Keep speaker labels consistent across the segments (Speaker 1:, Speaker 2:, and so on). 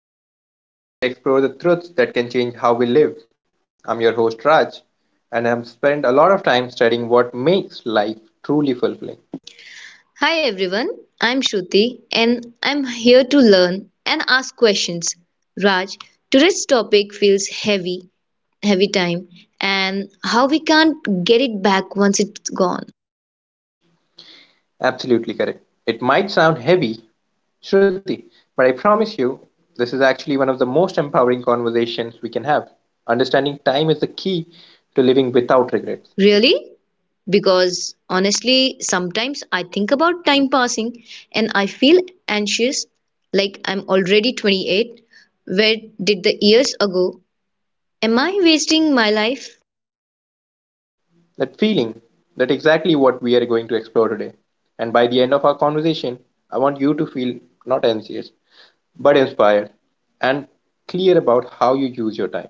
Speaker 1: to Life Lesson, where we explore the truths that can change how we live. I'm your host, Raj, and I've spent a lot of time studying what makes life truly fulfilling.
Speaker 2: Hi everyone, I'm Shruti and I'm here to learn and ask questions. Raj, today's topic feels heavy time, and how we can't get it back once it's gone.
Speaker 1: Absolutely correct. It might sound heavy, Shruti, but I promise you, this is actually one of the most empowering conversations we can have. Understanding time is the key to living without regrets.
Speaker 2: Really? Because honestly, sometimes I think about time passing and I feel anxious, like I'm already 28. Where did the years go? Am I wasting my life?
Speaker 1: That feeling, that exactly what we are going to explore today. And by the end of our conversation, I want you to feel not anxious, but inspired and clear about how you use your time.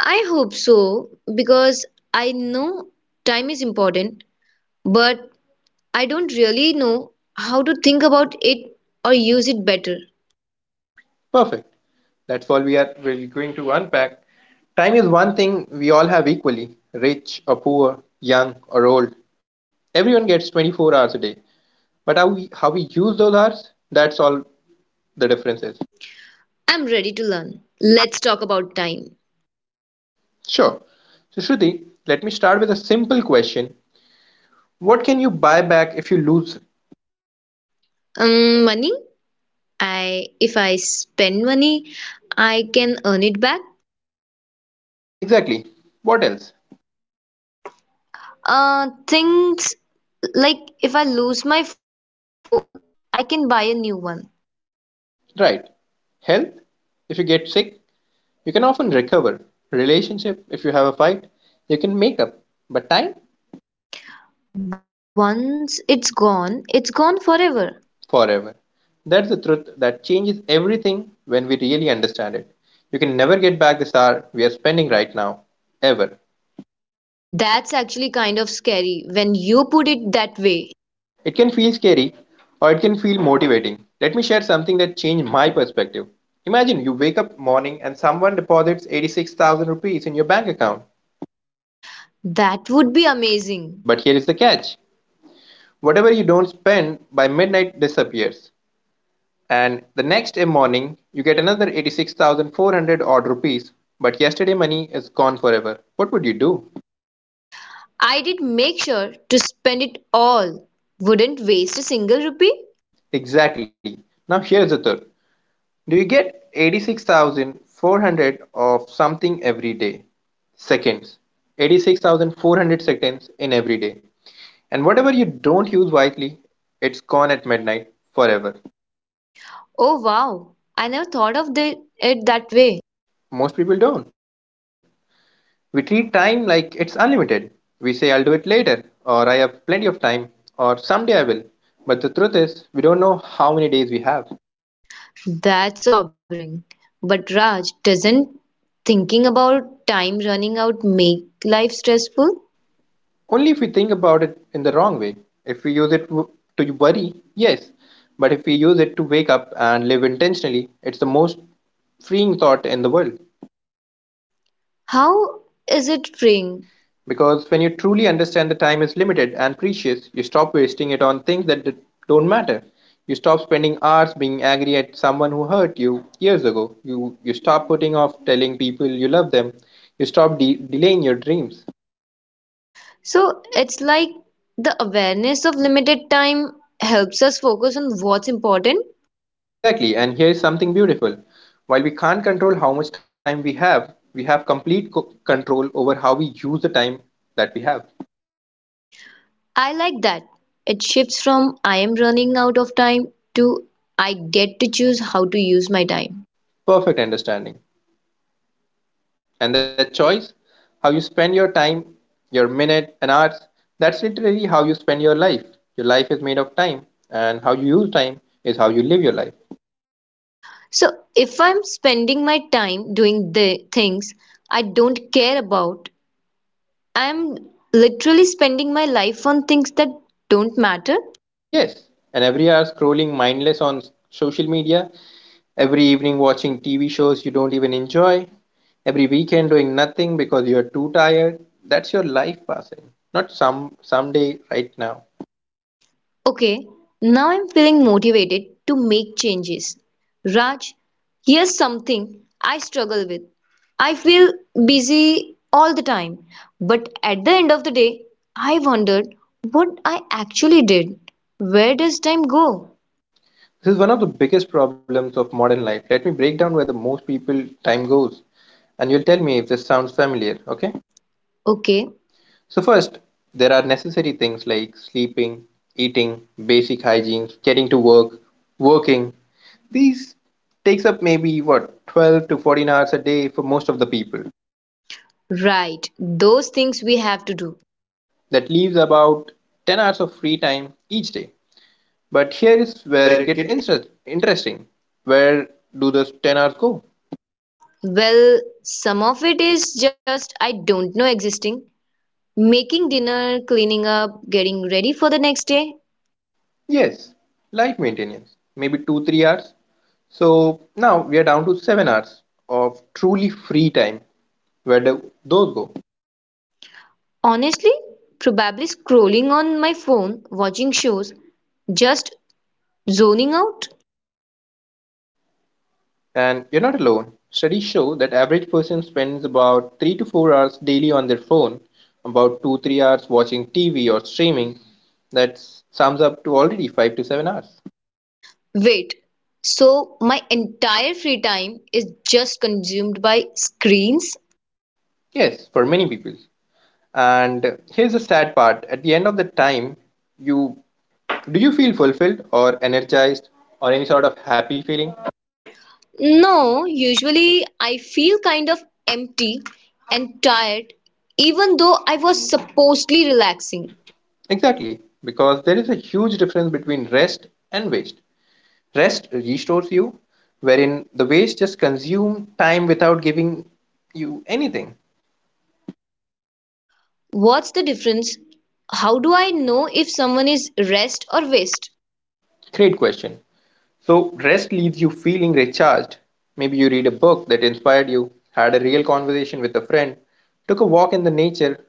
Speaker 2: I hope so, because I know time is important, but I don't really know how to think about it or use it better.
Speaker 1: Perfect. That's all we're going to unpack. Time is one thing we all have equally rich or poor, young or old. Everyone gets 24 hours a day. But how we use those hours, that's all the difference is.
Speaker 2: I'm ready to learn. Let's talk about time.
Speaker 1: Sure. So, Shruti, let me start with a simple question. What can you buy back if you lose?
Speaker 2: Money. I if I spend money, I can earn it back.
Speaker 1: Exactly. What else?
Speaker 2: Things like if I lose my phone, I can buy a new one.
Speaker 1: Right. Health? If you get sick, you can often recover. Relationship, if you have a fight, you can make up. But time,
Speaker 2: Once it's gone forever.
Speaker 1: forever. That's the truth that changes everything when we really understand it. You can never get back this hour we are spending right now, ever.
Speaker 2: That's actually kind of scary when you put it that way.
Speaker 1: It can feel scary or it can feel motivating. Let me share something that changed my perspective. Imagine you wake up morning and someone deposits 86,000 rupees in your bank account.
Speaker 2: That would be amazing.
Speaker 1: But here is the catch, whatever you don't spend by midnight disappears. And the next morning you get another 86,400 odd rupees, but yesterday money is gone forever. What would you do?
Speaker 2: I did make sure to spend it all. Wouldn't waste a single rupee.
Speaker 1: Exactly. Now here's the third. Do you get 86,400 of something every day? Seconds. 86,400 seconds in every day. And whatever you don't use wisely, it's gone at midnight forever.
Speaker 2: Oh wow, I never thought of it that way.
Speaker 1: Most people don't. We treat time like it's unlimited. We say, I'll do it later, or I have plenty of time, or someday I will. But the truth is, we don't know how many days we have.
Speaker 2: That's sobering. But Raj, doesn't thinking about time running out make life stressful?
Speaker 1: Only if we think about it in the wrong way. If we use it to worry, yes. But if we use it to wake up and live intentionally, it's the most freeing thought in the world.
Speaker 2: How is it freeing?
Speaker 1: Because when you truly understand that time is limited and precious, you stop wasting it on things that don't matter. You stop spending hours being angry at someone who hurt you years ago. You stop putting off telling people you love them. You stop delaying your dreams.
Speaker 2: So it's like the awareness of limited time helps us focus on what's important.
Speaker 1: Exactly, and here is something beautiful. While we can't control how much time we have complete control over how we use the time that we have.
Speaker 2: I like that. It shifts from I am running out of time to I get to choose how to use my time.
Speaker 1: Perfect understanding. And that choice, how you spend your time, your minute and hours, that's literally how you spend your life. Your life is made of time, and how you use time is how you live your life.
Speaker 2: So if I'm spending my time doing the things I don't care about, I'm literally spending my life on things that don't matter.
Speaker 1: Yes, and every hour scrolling mindless on social media, every evening watching TV shows you don't even enjoy, every weekend doing nothing because you're too tired, that's your life passing, not someday right now.
Speaker 2: Okay, now I'm feeling motivated to make changes. Raj, here's something I struggle with. I feel busy all the time, but at the end of the day, I wondered what I actually did. Where does time go?
Speaker 1: This is one of the biggest problems of modern life. Let me break down where the most people time goes and you'll tell me if this sounds familiar, okay?
Speaker 2: Okay,
Speaker 1: So first, there are necessary things like sleeping, eating, basic hygiene, getting to work, working. These takes up maybe what 12 to 14 hours a day for most of the people.
Speaker 2: right, those things we have to do.
Speaker 1: That leaves about 10 hours of free time each day. But here is where
Speaker 2: Where
Speaker 1: it
Speaker 2: it
Speaker 1: gets
Speaker 2: get
Speaker 1: interesting. Where do those 10 hours go?
Speaker 2: Well, some of it is just, I don't know, existing. Making dinner, cleaning up, getting ready for the next day.
Speaker 1: Yes, light maintenance, maybe two, 3 hours. So now we are down to 7 hours of truly free time. Where do those go?
Speaker 2: Honestly, probably scrolling on my phone, watching shows, just zoning out.
Speaker 1: And you're not alone. Studies show that average person spends about 3 to 4 hours daily on their phone, about two, 3 hours watching TV or streaming. That sums up to already 5 to 7 hours.
Speaker 2: Wait, so my entire free time is just consumed by screens?
Speaker 1: Yes, for many people. And here's the sad part. At the end of the time, you, do you feel fulfilled or energized or any sort of happy feeling?
Speaker 2: No, usually I feel kind of empty and tired, even though I was supposedly relaxing.
Speaker 1: Exactly, because there is a huge difference between rest and waste. Rest restores you, wherein the waste just consume time without giving you anything.
Speaker 2: What's the difference? How do I know if someone is rest or waste?
Speaker 1: Great question. So, rest leaves you feeling recharged. Maybe you read a book that inspired you, had a real conversation with a friend, took a walk in the nature,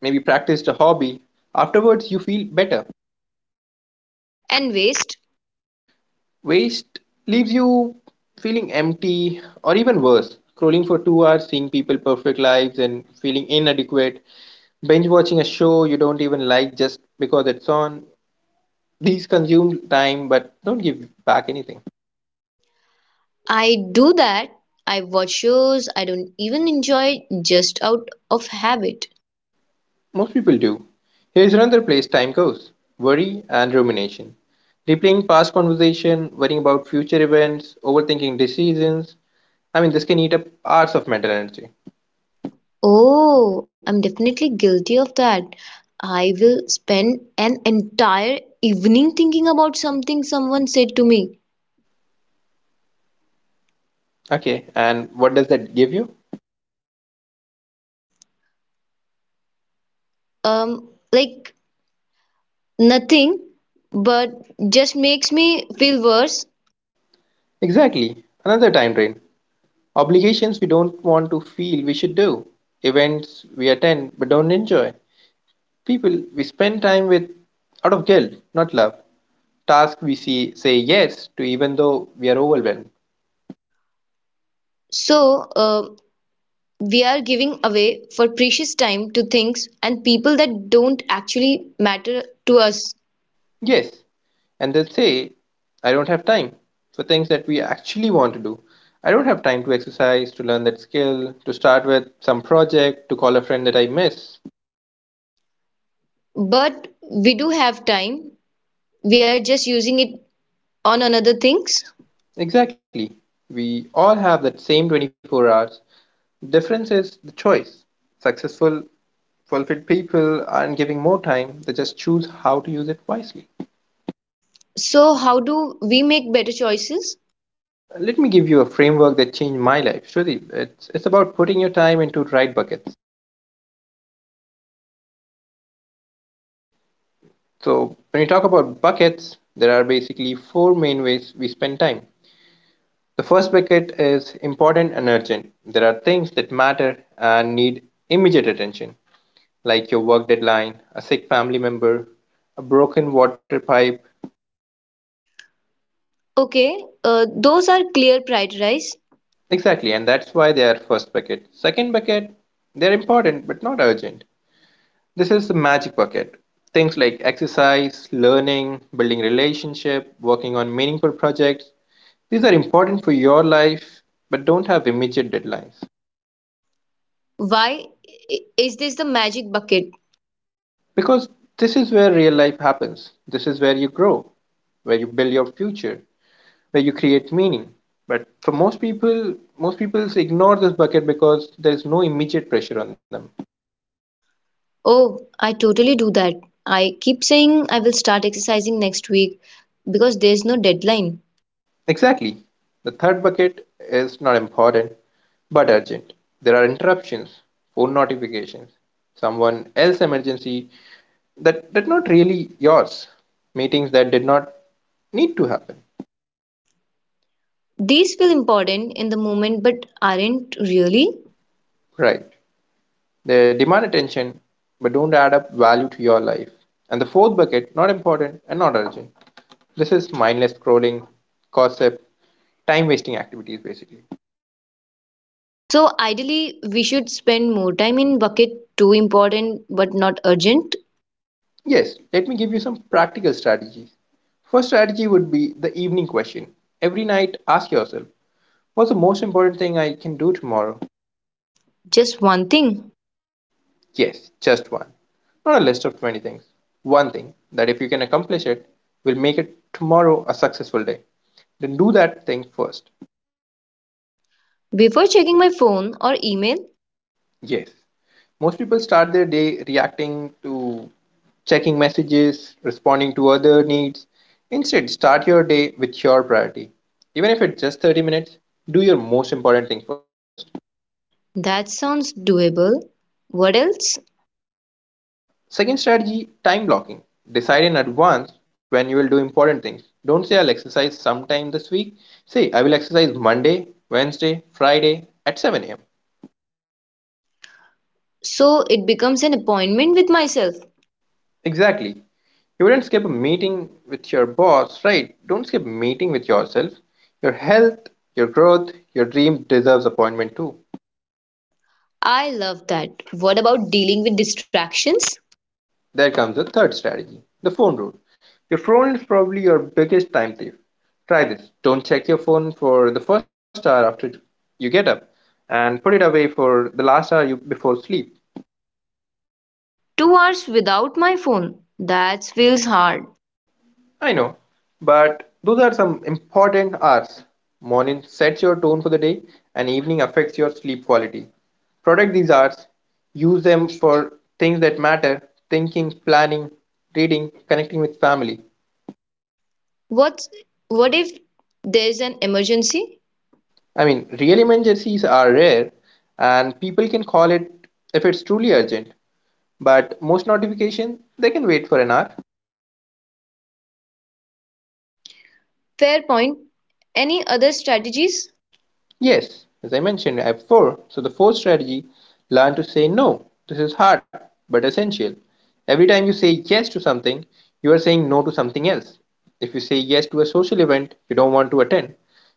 Speaker 1: maybe practiced a hobby. Afterwards, you feel better.
Speaker 2: And waste?
Speaker 1: Waste leaves you feeling empty or even worse, scrolling for 2 hours, seeing people perfect lives and feeling inadequate, binge watching a show you don't even like just because it's on. These consume time but don't give back anything.
Speaker 2: I do that. I watch shows I don't even enjoy just out of habit.
Speaker 1: Most people do. Here's another place time goes, worry and rumination. Replaying past conversation, worrying about future events, overthinking decisions. I mean, this can eat up hours of mental energy.
Speaker 2: Oh, I'm definitely guilty of that. I will spend an entire evening thinking about something someone said to me.
Speaker 1: Okay, and what does that give you?
Speaker 2: Like nothing, but just makes me feel worse.
Speaker 1: Exactly. Another time drain. Obligations we don't want to feel we should do. Events we attend but don't enjoy. People we spend time with out of guilt, not love. Tasks we see, say yes to even though we are overwhelmed.
Speaker 2: So, we are giving away for precious time to things and people that don't actually matter to us.
Speaker 1: Yes. And they say, I don't have time for things that we actually want to do. I don't have time to exercise, to learn that skill, to start with some project, to call a friend that I miss.
Speaker 2: But we do have time. We are just using it on another things.
Speaker 1: Exactly. We all have that same 24 hours. Difference is the choice. Successful, fulfilled people aren't giving more time, they just choose how to use it wisely.
Speaker 2: So how do we make better choices?
Speaker 1: Let me give you a framework that changed my life. Shruti, it's about putting your time into right buckets. So, when you talk about buckets, there are basically four main ways we spend time. The first bucket is important and urgent. There are things that matter and need immediate attention, like your work deadline, a sick family member, a broken water pipe.
Speaker 2: Okay, those are clear prioritize.
Speaker 1: Exactly, and that's why they are first bucket. Second bucket, they're important but not urgent. This is the magic bucket. Things like exercise, learning, building relationship, working on meaningful projects. These are important for your life but don't have immediate deadlines.
Speaker 2: Why is this the magic bucket?
Speaker 1: Because this is where real life happens. This is where you grow, where you build your future, where you create meaning. But for most people ignore this bucket because there is no immediate pressure on them.
Speaker 2: Oh, I totally do that. I keep saying I will start exercising next week because there's no deadline.
Speaker 1: Exactly. The third bucket is not important but urgent. There are interruptions, phone notifications, someone else emergency that not really yours, meetings that did not need to happen.
Speaker 2: These feel important in the moment but aren't really.
Speaker 1: Right. They demand attention but don't add up value to your life. And the fourth bucket, not important and not urgent. This is mindless scrolling, gossip, time wasting activities basically.
Speaker 2: So ideally we should spend more time in bucket two, important but not urgent.
Speaker 1: Yes, let me give you some practical strategies. First strategy would be the evening question. Every night, ask yourself, what's the most important thing I can do tomorrow?
Speaker 2: Just one thing?
Speaker 1: Yes, just one. Not a list of 20 things. One thing that, if you can accomplish it, will make it tomorrow a successful day. Then do that thing first.
Speaker 2: Before checking my phone or email?
Speaker 1: Yes. Most people start their day reacting to checking messages, responding to other needs. Instead, start your day with your priority. Even if it's just 30 minutes, do your most important thing first.
Speaker 2: That sounds doable. What else?
Speaker 1: Second strategy, time blocking. Decide in advance when you will do important things. Don't say I'll exercise sometime this week. Say I will exercise Monday, Wednesday, Friday at 7 a.m.
Speaker 2: So it becomes an appointment with myself.
Speaker 1: Exactly. You wouldn't skip a meeting with your boss, right? Don't skip meeting with yourself. Your health, your growth, your dream deserves appointment too.
Speaker 2: I love that. What about dealing with distractions?
Speaker 1: There comes the third strategy, the phone rule. Your phone is probably your biggest time thief. Try this. Don't check your phone for the first hour after you get up and put it away for the last hour you, before sleep.
Speaker 2: 2 hours without my phone. That feels hard.
Speaker 1: I know, but those are some important hours. Morning sets your tone for the day, and evening affects your sleep quality. Protect these hours, use them for things that matter, thinking, planning, reading, connecting with family.
Speaker 2: What what if there's an emergency?
Speaker 1: I mean, real emergencies are rare, and people can call it if it's truly urgent, but most notifications they can wait for an hour.
Speaker 2: Fair point. Any other strategies?
Speaker 1: Yes, as I mentioned, I have four. So the fourth strategy, learn to say no. This is hard but essential. Every time you say yes to something, you are saying no to something else. If you say yes to a social event you don't want to attend,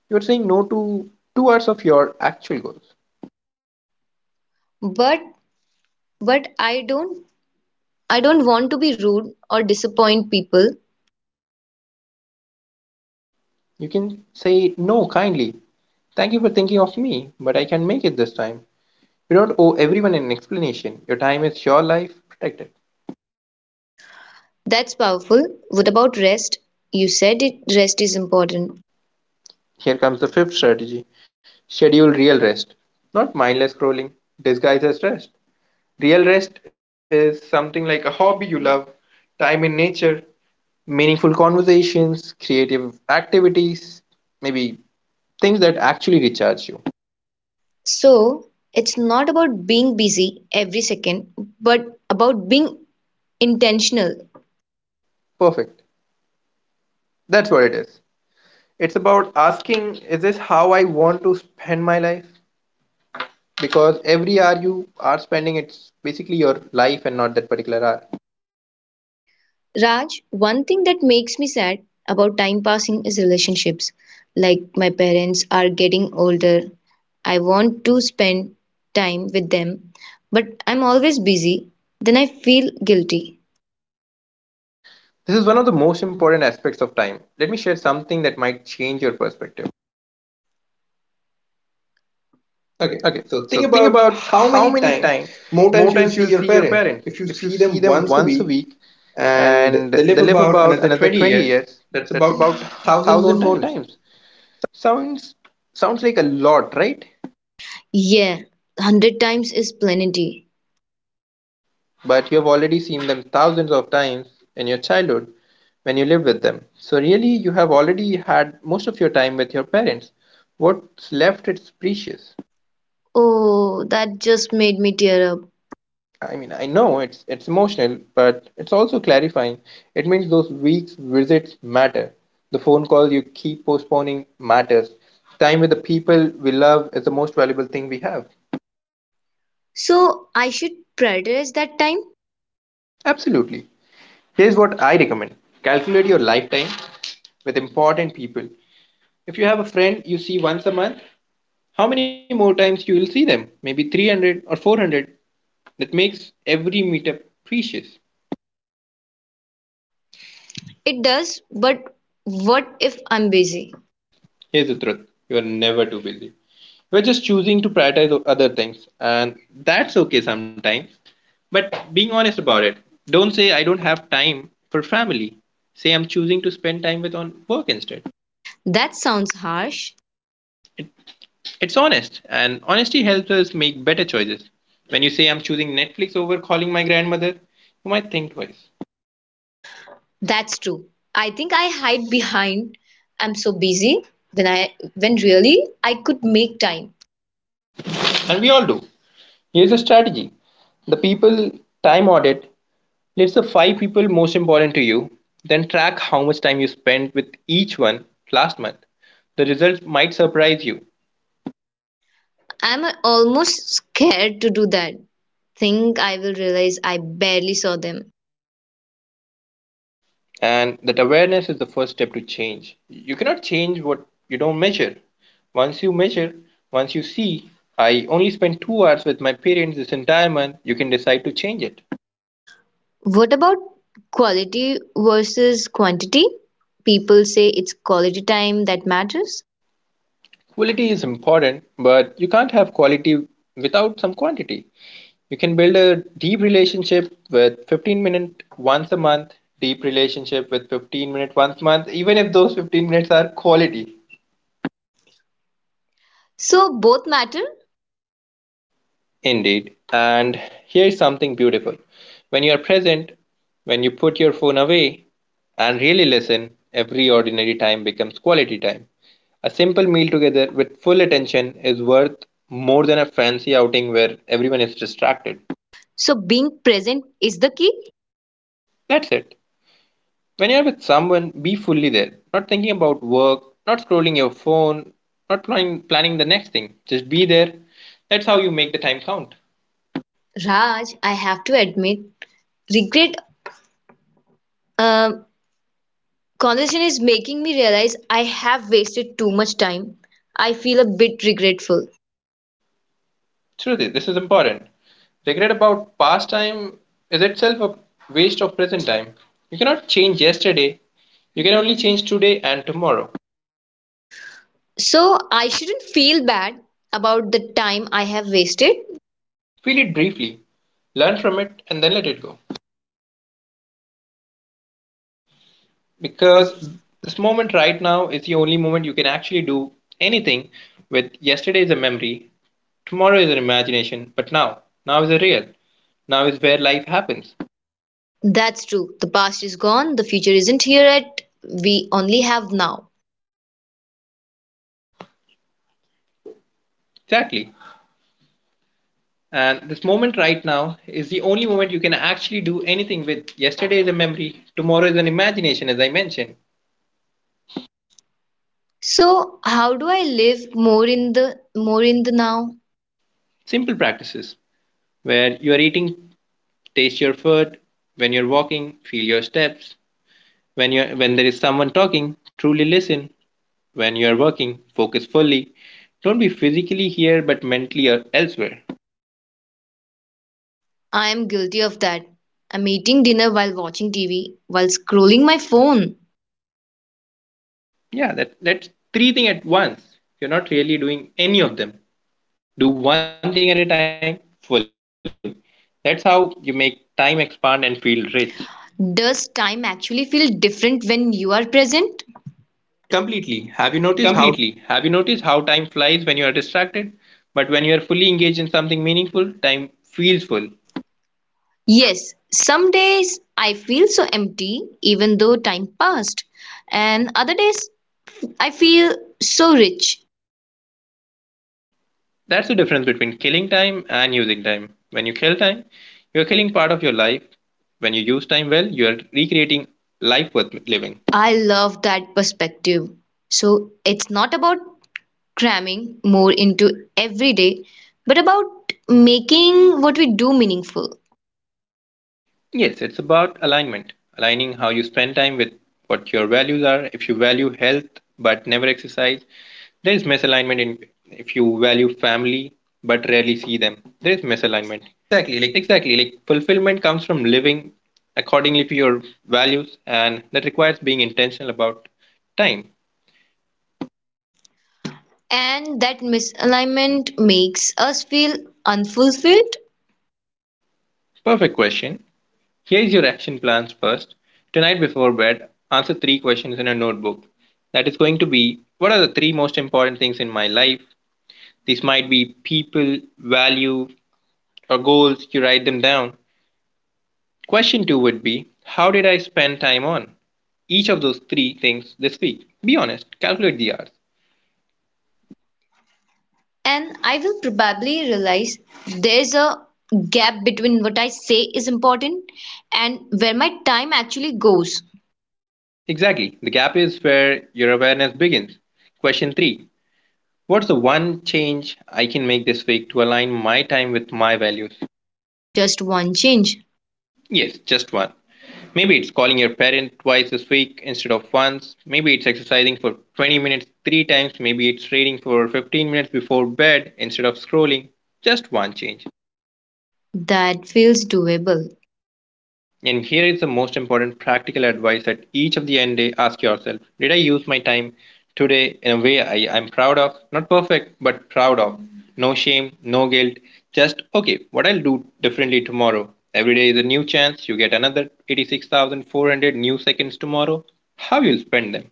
Speaker 1: you are saying no to 2 hours of your actual goals.
Speaker 2: But but I don't want to be rude or disappoint people.
Speaker 1: You can say no kindly. Thank you for thinking of me, but I can make it this time. You don't owe everyone an explanation. Your time is your life, protect it.
Speaker 2: That's powerful. What about rest? You said it, rest is important.
Speaker 1: Here comes the fifth strategy, schedule real rest, not mindless scrolling disguised as rest. Real rest is something like a hobby you love, time in nature, meaningful conversations, creative activities, maybe things that actually recharge you.
Speaker 2: So, it's not about being busy every second, but about being intentional.
Speaker 1: Perfect. That's what it is. It's about asking, is this how I want to spend my life? Because every hour you are spending, it's basically your life and not that particular hour.
Speaker 2: Raj, one thing that makes me sad about time passing is relationships. Like my parents are getting older. I want to spend time with them, but I'm always busy. Then I feel guilty.
Speaker 1: This is one of the most important aspects of time. Let me share something that might change your perspective.
Speaker 2: Okay,
Speaker 1: Okay,
Speaker 2: so
Speaker 1: so
Speaker 2: think
Speaker 1: think
Speaker 2: about
Speaker 1: about
Speaker 2: how
Speaker 1: how
Speaker 2: many
Speaker 1: many
Speaker 2: times,
Speaker 1: time
Speaker 2: more
Speaker 1: more
Speaker 2: times you will
Speaker 1: times you
Speaker 2: see
Speaker 1: will see
Speaker 2: your
Speaker 1: your
Speaker 2: parents.
Speaker 1: parents.
Speaker 2: If you
Speaker 1: If you
Speaker 2: see
Speaker 1: see
Speaker 2: them
Speaker 1: them
Speaker 2: once a
Speaker 1: once a
Speaker 2: week
Speaker 1: week
Speaker 2: and they
Speaker 1: and
Speaker 2: live
Speaker 1: they live
Speaker 2: about
Speaker 1: about
Speaker 2: another
Speaker 1: another
Speaker 2: 20
Speaker 1: 20
Speaker 2: years,
Speaker 1: years,
Speaker 2: that's
Speaker 1: that's
Speaker 2: about
Speaker 1: about
Speaker 2: 1,000
Speaker 1: 1000
Speaker 2: more
Speaker 1: more
Speaker 2: times.
Speaker 1: times. Sounds sounds like a lot, right?
Speaker 2: Yeah, 100 times is plenty.
Speaker 1: But you have already seen them thousands of times in your childhood when you live with them. So really you have already had most of your time with your parents. What's left is precious.
Speaker 2: Oh, that just made me tear up.
Speaker 1: I mean, I know it's emotional, but it's also clarifying. It means those weeks visits matter. The phone call you keep postponing matters. Time with the people we love is the most valuable thing we have.
Speaker 2: So, I should prioritize that time?
Speaker 1: Absolutely. Here's what I recommend. Calculate your lifetime with important people. If you have a friend you see once a month, how many more times you will see them? Maybe 300 or 400. That makes every meetup precious.
Speaker 2: It does, but what if I'm busy?
Speaker 1: Here's the truth, you're never too busy. You're just choosing to prioritize other things, and that's okay sometimes. But being honest about it, don't say I don't have time for family. Say I'm choosing to spend time with on work instead.
Speaker 2: That sounds harsh.
Speaker 1: It, it's honest, and honesty helps us make better choices. When you say I'm choosing Netflix over calling my grandmother, you might think twice.
Speaker 2: That's true. I think I hide behind I'm so busy, when really I could make time.
Speaker 1: And we all do. Here's a strategy, the people time audit. List the five people most important to you, then track how much time you spent with each one last month. The results might surprise you,
Speaker 2: I'm almost scared to do that. Think I will realize I barely saw them.
Speaker 1: and that awareness is the first step to change. You cannot change what you don't measure. Once you measure, once you see, I only spent 2 hours with my parents this entire month, you can decide to change it.
Speaker 2: What about quality versus quantity? People say it's quality time that matters.
Speaker 1: Quality is important, but you can't have quality without some quantity. You can build a deep relationship with 15 minutes once a month, deep relationship with 15 minutes once a month, even if those 15 minutes are quality.
Speaker 2: So both matter.
Speaker 1: Indeed. And here's something beautiful. When you are present, when you put your phone away and really listen, every ordinary time becomes quality time. A simple meal together with full attention is worth more than a fancy outing where everyone is distracted.
Speaker 2: So being present is the key.
Speaker 1: That's it. When you're with someone, be fully there, not thinking about work, not scrolling your phone, not planning the next thing. Just be there. That's how you make the time count.
Speaker 2: Raj, I have to admit, regret uh, Conversation is making me realize I have wasted too much time. I feel a bit regretful.
Speaker 1: Shruti, this is important. Regret about past time is itself a waste of present time. You cannot change yesterday, you can only change today and tomorrow.
Speaker 2: So I shouldn't feel bad about the time I have wasted.
Speaker 1: Feel it briefly, learn from it, and then let it go.
Speaker 2: Because.
Speaker 1: Because this moment right now is the only moment you can actually do anything with. Yesterday is a memory, tomorrow is an imagination, but now, now is a real. Now is where life happens.
Speaker 2: That's true. The past is gone, the future isn't here yet. We only have now.
Speaker 1: Exactly. And this moment right now is the only moment you can actually do anything with. Yesterday is a memory, tomorrow is an imagination, as I mentioned.
Speaker 2: So how do I live more in the now?
Speaker 1: Simple practices, where you are eating, taste your food. When you're walking, feel your steps. When you are when there is someone talking, truly listen. When you are working, focus fully. Don't be physically here but mentally or elsewhere.
Speaker 2: I am guilty of that. I'm eating dinner while watching TV, while scrolling my phone.
Speaker 1: Yeah, that's three things at once. You're not really doing any of them. Do one thing at a time fully. That's how you make time expand and feel rich.
Speaker 2: Does time actually feel different when you are present? Completely. Have you noticed how.
Speaker 1: Completely. Have you noticed how time flies when you are distracted? But when you are fully engaged in something meaningful, time feels full.
Speaker 2: Yes, some days I feel so empty even though time passed, and other days I feel so rich.
Speaker 1: That's the difference between killing time and using time. When you kill time, you are killing part of your life. When you use time well, you are recreating life worth living.
Speaker 2: I love that perspective. So it's not about cramming more into every day, but about making what we do meaningful.
Speaker 1: Yes, it's about alignment, aligning how you spend time with what your values are. If you value health but never exercise, there is misalignment in if you value family but rarely see them. There is misalignment.
Speaker 2: Exactly, like.
Speaker 1: Exactly, like fulfillment comes from living accordingly to your values and that requires being intentional about time.
Speaker 2: And that misalignment makes us feel unfulfilled.
Speaker 1: Perfect question. Here is your action plans, first. Tonight before bed, answer three questions in a notebook. That is going to be, what are the three most important things in my life? These might be people, value, or goals. You write them down. Question two would be, how did I spend time on each of those three things this week? Be honest, calculate the hours.
Speaker 2: And I will probably realize there's a gap between what I say is important and where my time actually goes.
Speaker 1: Exactly, the gap is where your awareness begins. Question three, what's the one change I can make this week to align my time with my values?
Speaker 2: Just one change.
Speaker 1: Yes, just one. Maybe it's calling your parent twice this week instead of once. Maybe it's exercising for 20 minutes three times. Maybe it's reading for 15 minutes before bed instead of scrolling. Just one change.
Speaker 2: That feels doable.
Speaker 1: And here is the most important practical advice, at each of the end day ask yourself, did I use my time today in a way I'm proud of? Not perfect, but proud of. No shame, no guilt. Just, okay, what I'll do differently tomorrow. Every day is a new chance. You get another 86,400 new seconds tomorrow. How you'll spend them.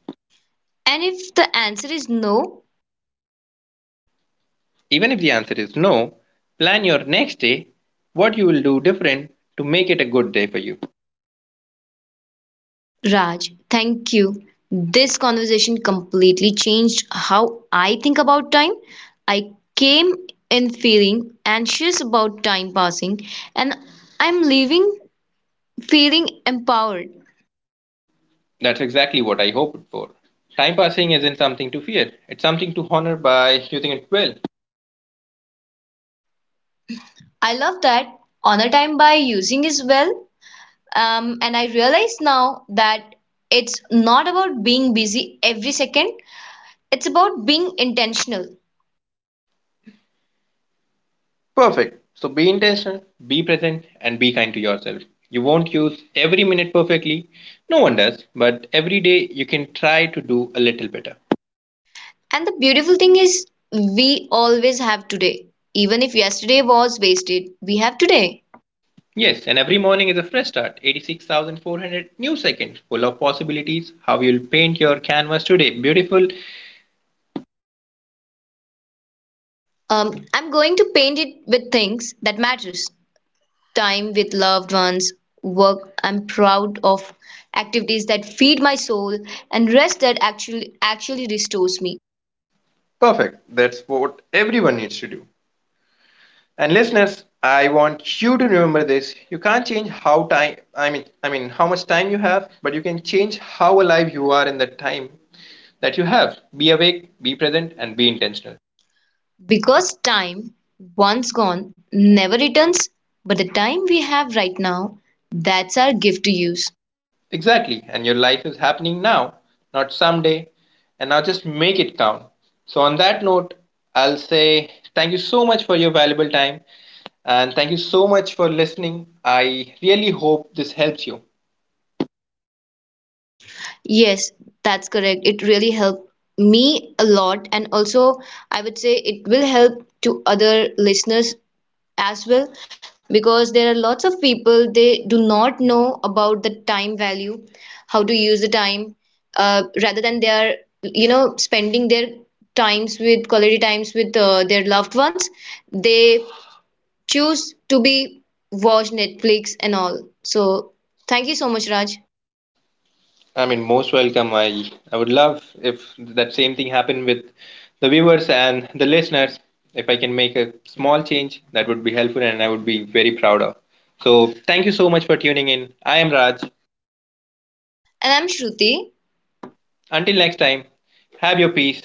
Speaker 2: And if the answer is no.
Speaker 1: Even if the answer is no, plan your next day, what you will do different to make it a good day for you.
Speaker 2: Raj, thank you. This conversation completely changed how I think about time. I came in feeling anxious about time passing, and I'm leaving feeling empowered.
Speaker 1: That's exactly what I hoped for. Time passing isn't something to fear, it's something to honor by using it well.
Speaker 2: I love that. Honor time by using as well. And I realize now that it's not about being busy every second, it's about being intentional.
Speaker 1: Perfect. So be intentional, be present, and be kind to yourself. You won't use every minute perfectly, no one does, but every day you can try to do a little better.
Speaker 2: And the beautiful thing is, we always have today. Even if yesterday was wasted, we have today.
Speaker 1: Yes, and every morning is a fresh start, 86,400 new seconds full of possibilities. How you'll paint your canvas today, beautiful,
Speaker 2: I'm going to paint it with things that matters. Time with loved ones, work I'm proud of, activities that feed my soul, and rest that actually restores me.
Speaker 1: perfect. That's what everyone needs to do. And listeners, I want you to remember this. You can't change how time I mean how much time you have, but you can change how alive you are in the time that you have. Be awake, be present and be intentional.
Speaker 2: Because time, once gone, never returns, but the time we have right now, that's our gift to use.
Speaker 1: Exactly. And your life is happening now, not someday. And now just make it count. So on that note, I'll say thank you so much for your valuable time and thank you so much for listening. I really hope this helps you.
Speaker 2: Yes, that's correct. It really helped me a lot, and also I would say it will help to other listeners as well, because there are lots of people they do not know about the time value, how to use the time, rather than they are spending their times with quality times with their loved ones, they choose to be watch Netflix and all. So thank you so much, Raj.
Speaker 1: I mean, most welcome. I would love if that same thing happened with the viewers and the listeners. If I can make a small change, that would be helpful, and I would be very proud of. So, thank you so much for tuning in. I am Raj.
Speaker 2: And I'm Shruti.
Speaker 1: Until next time, have your peace,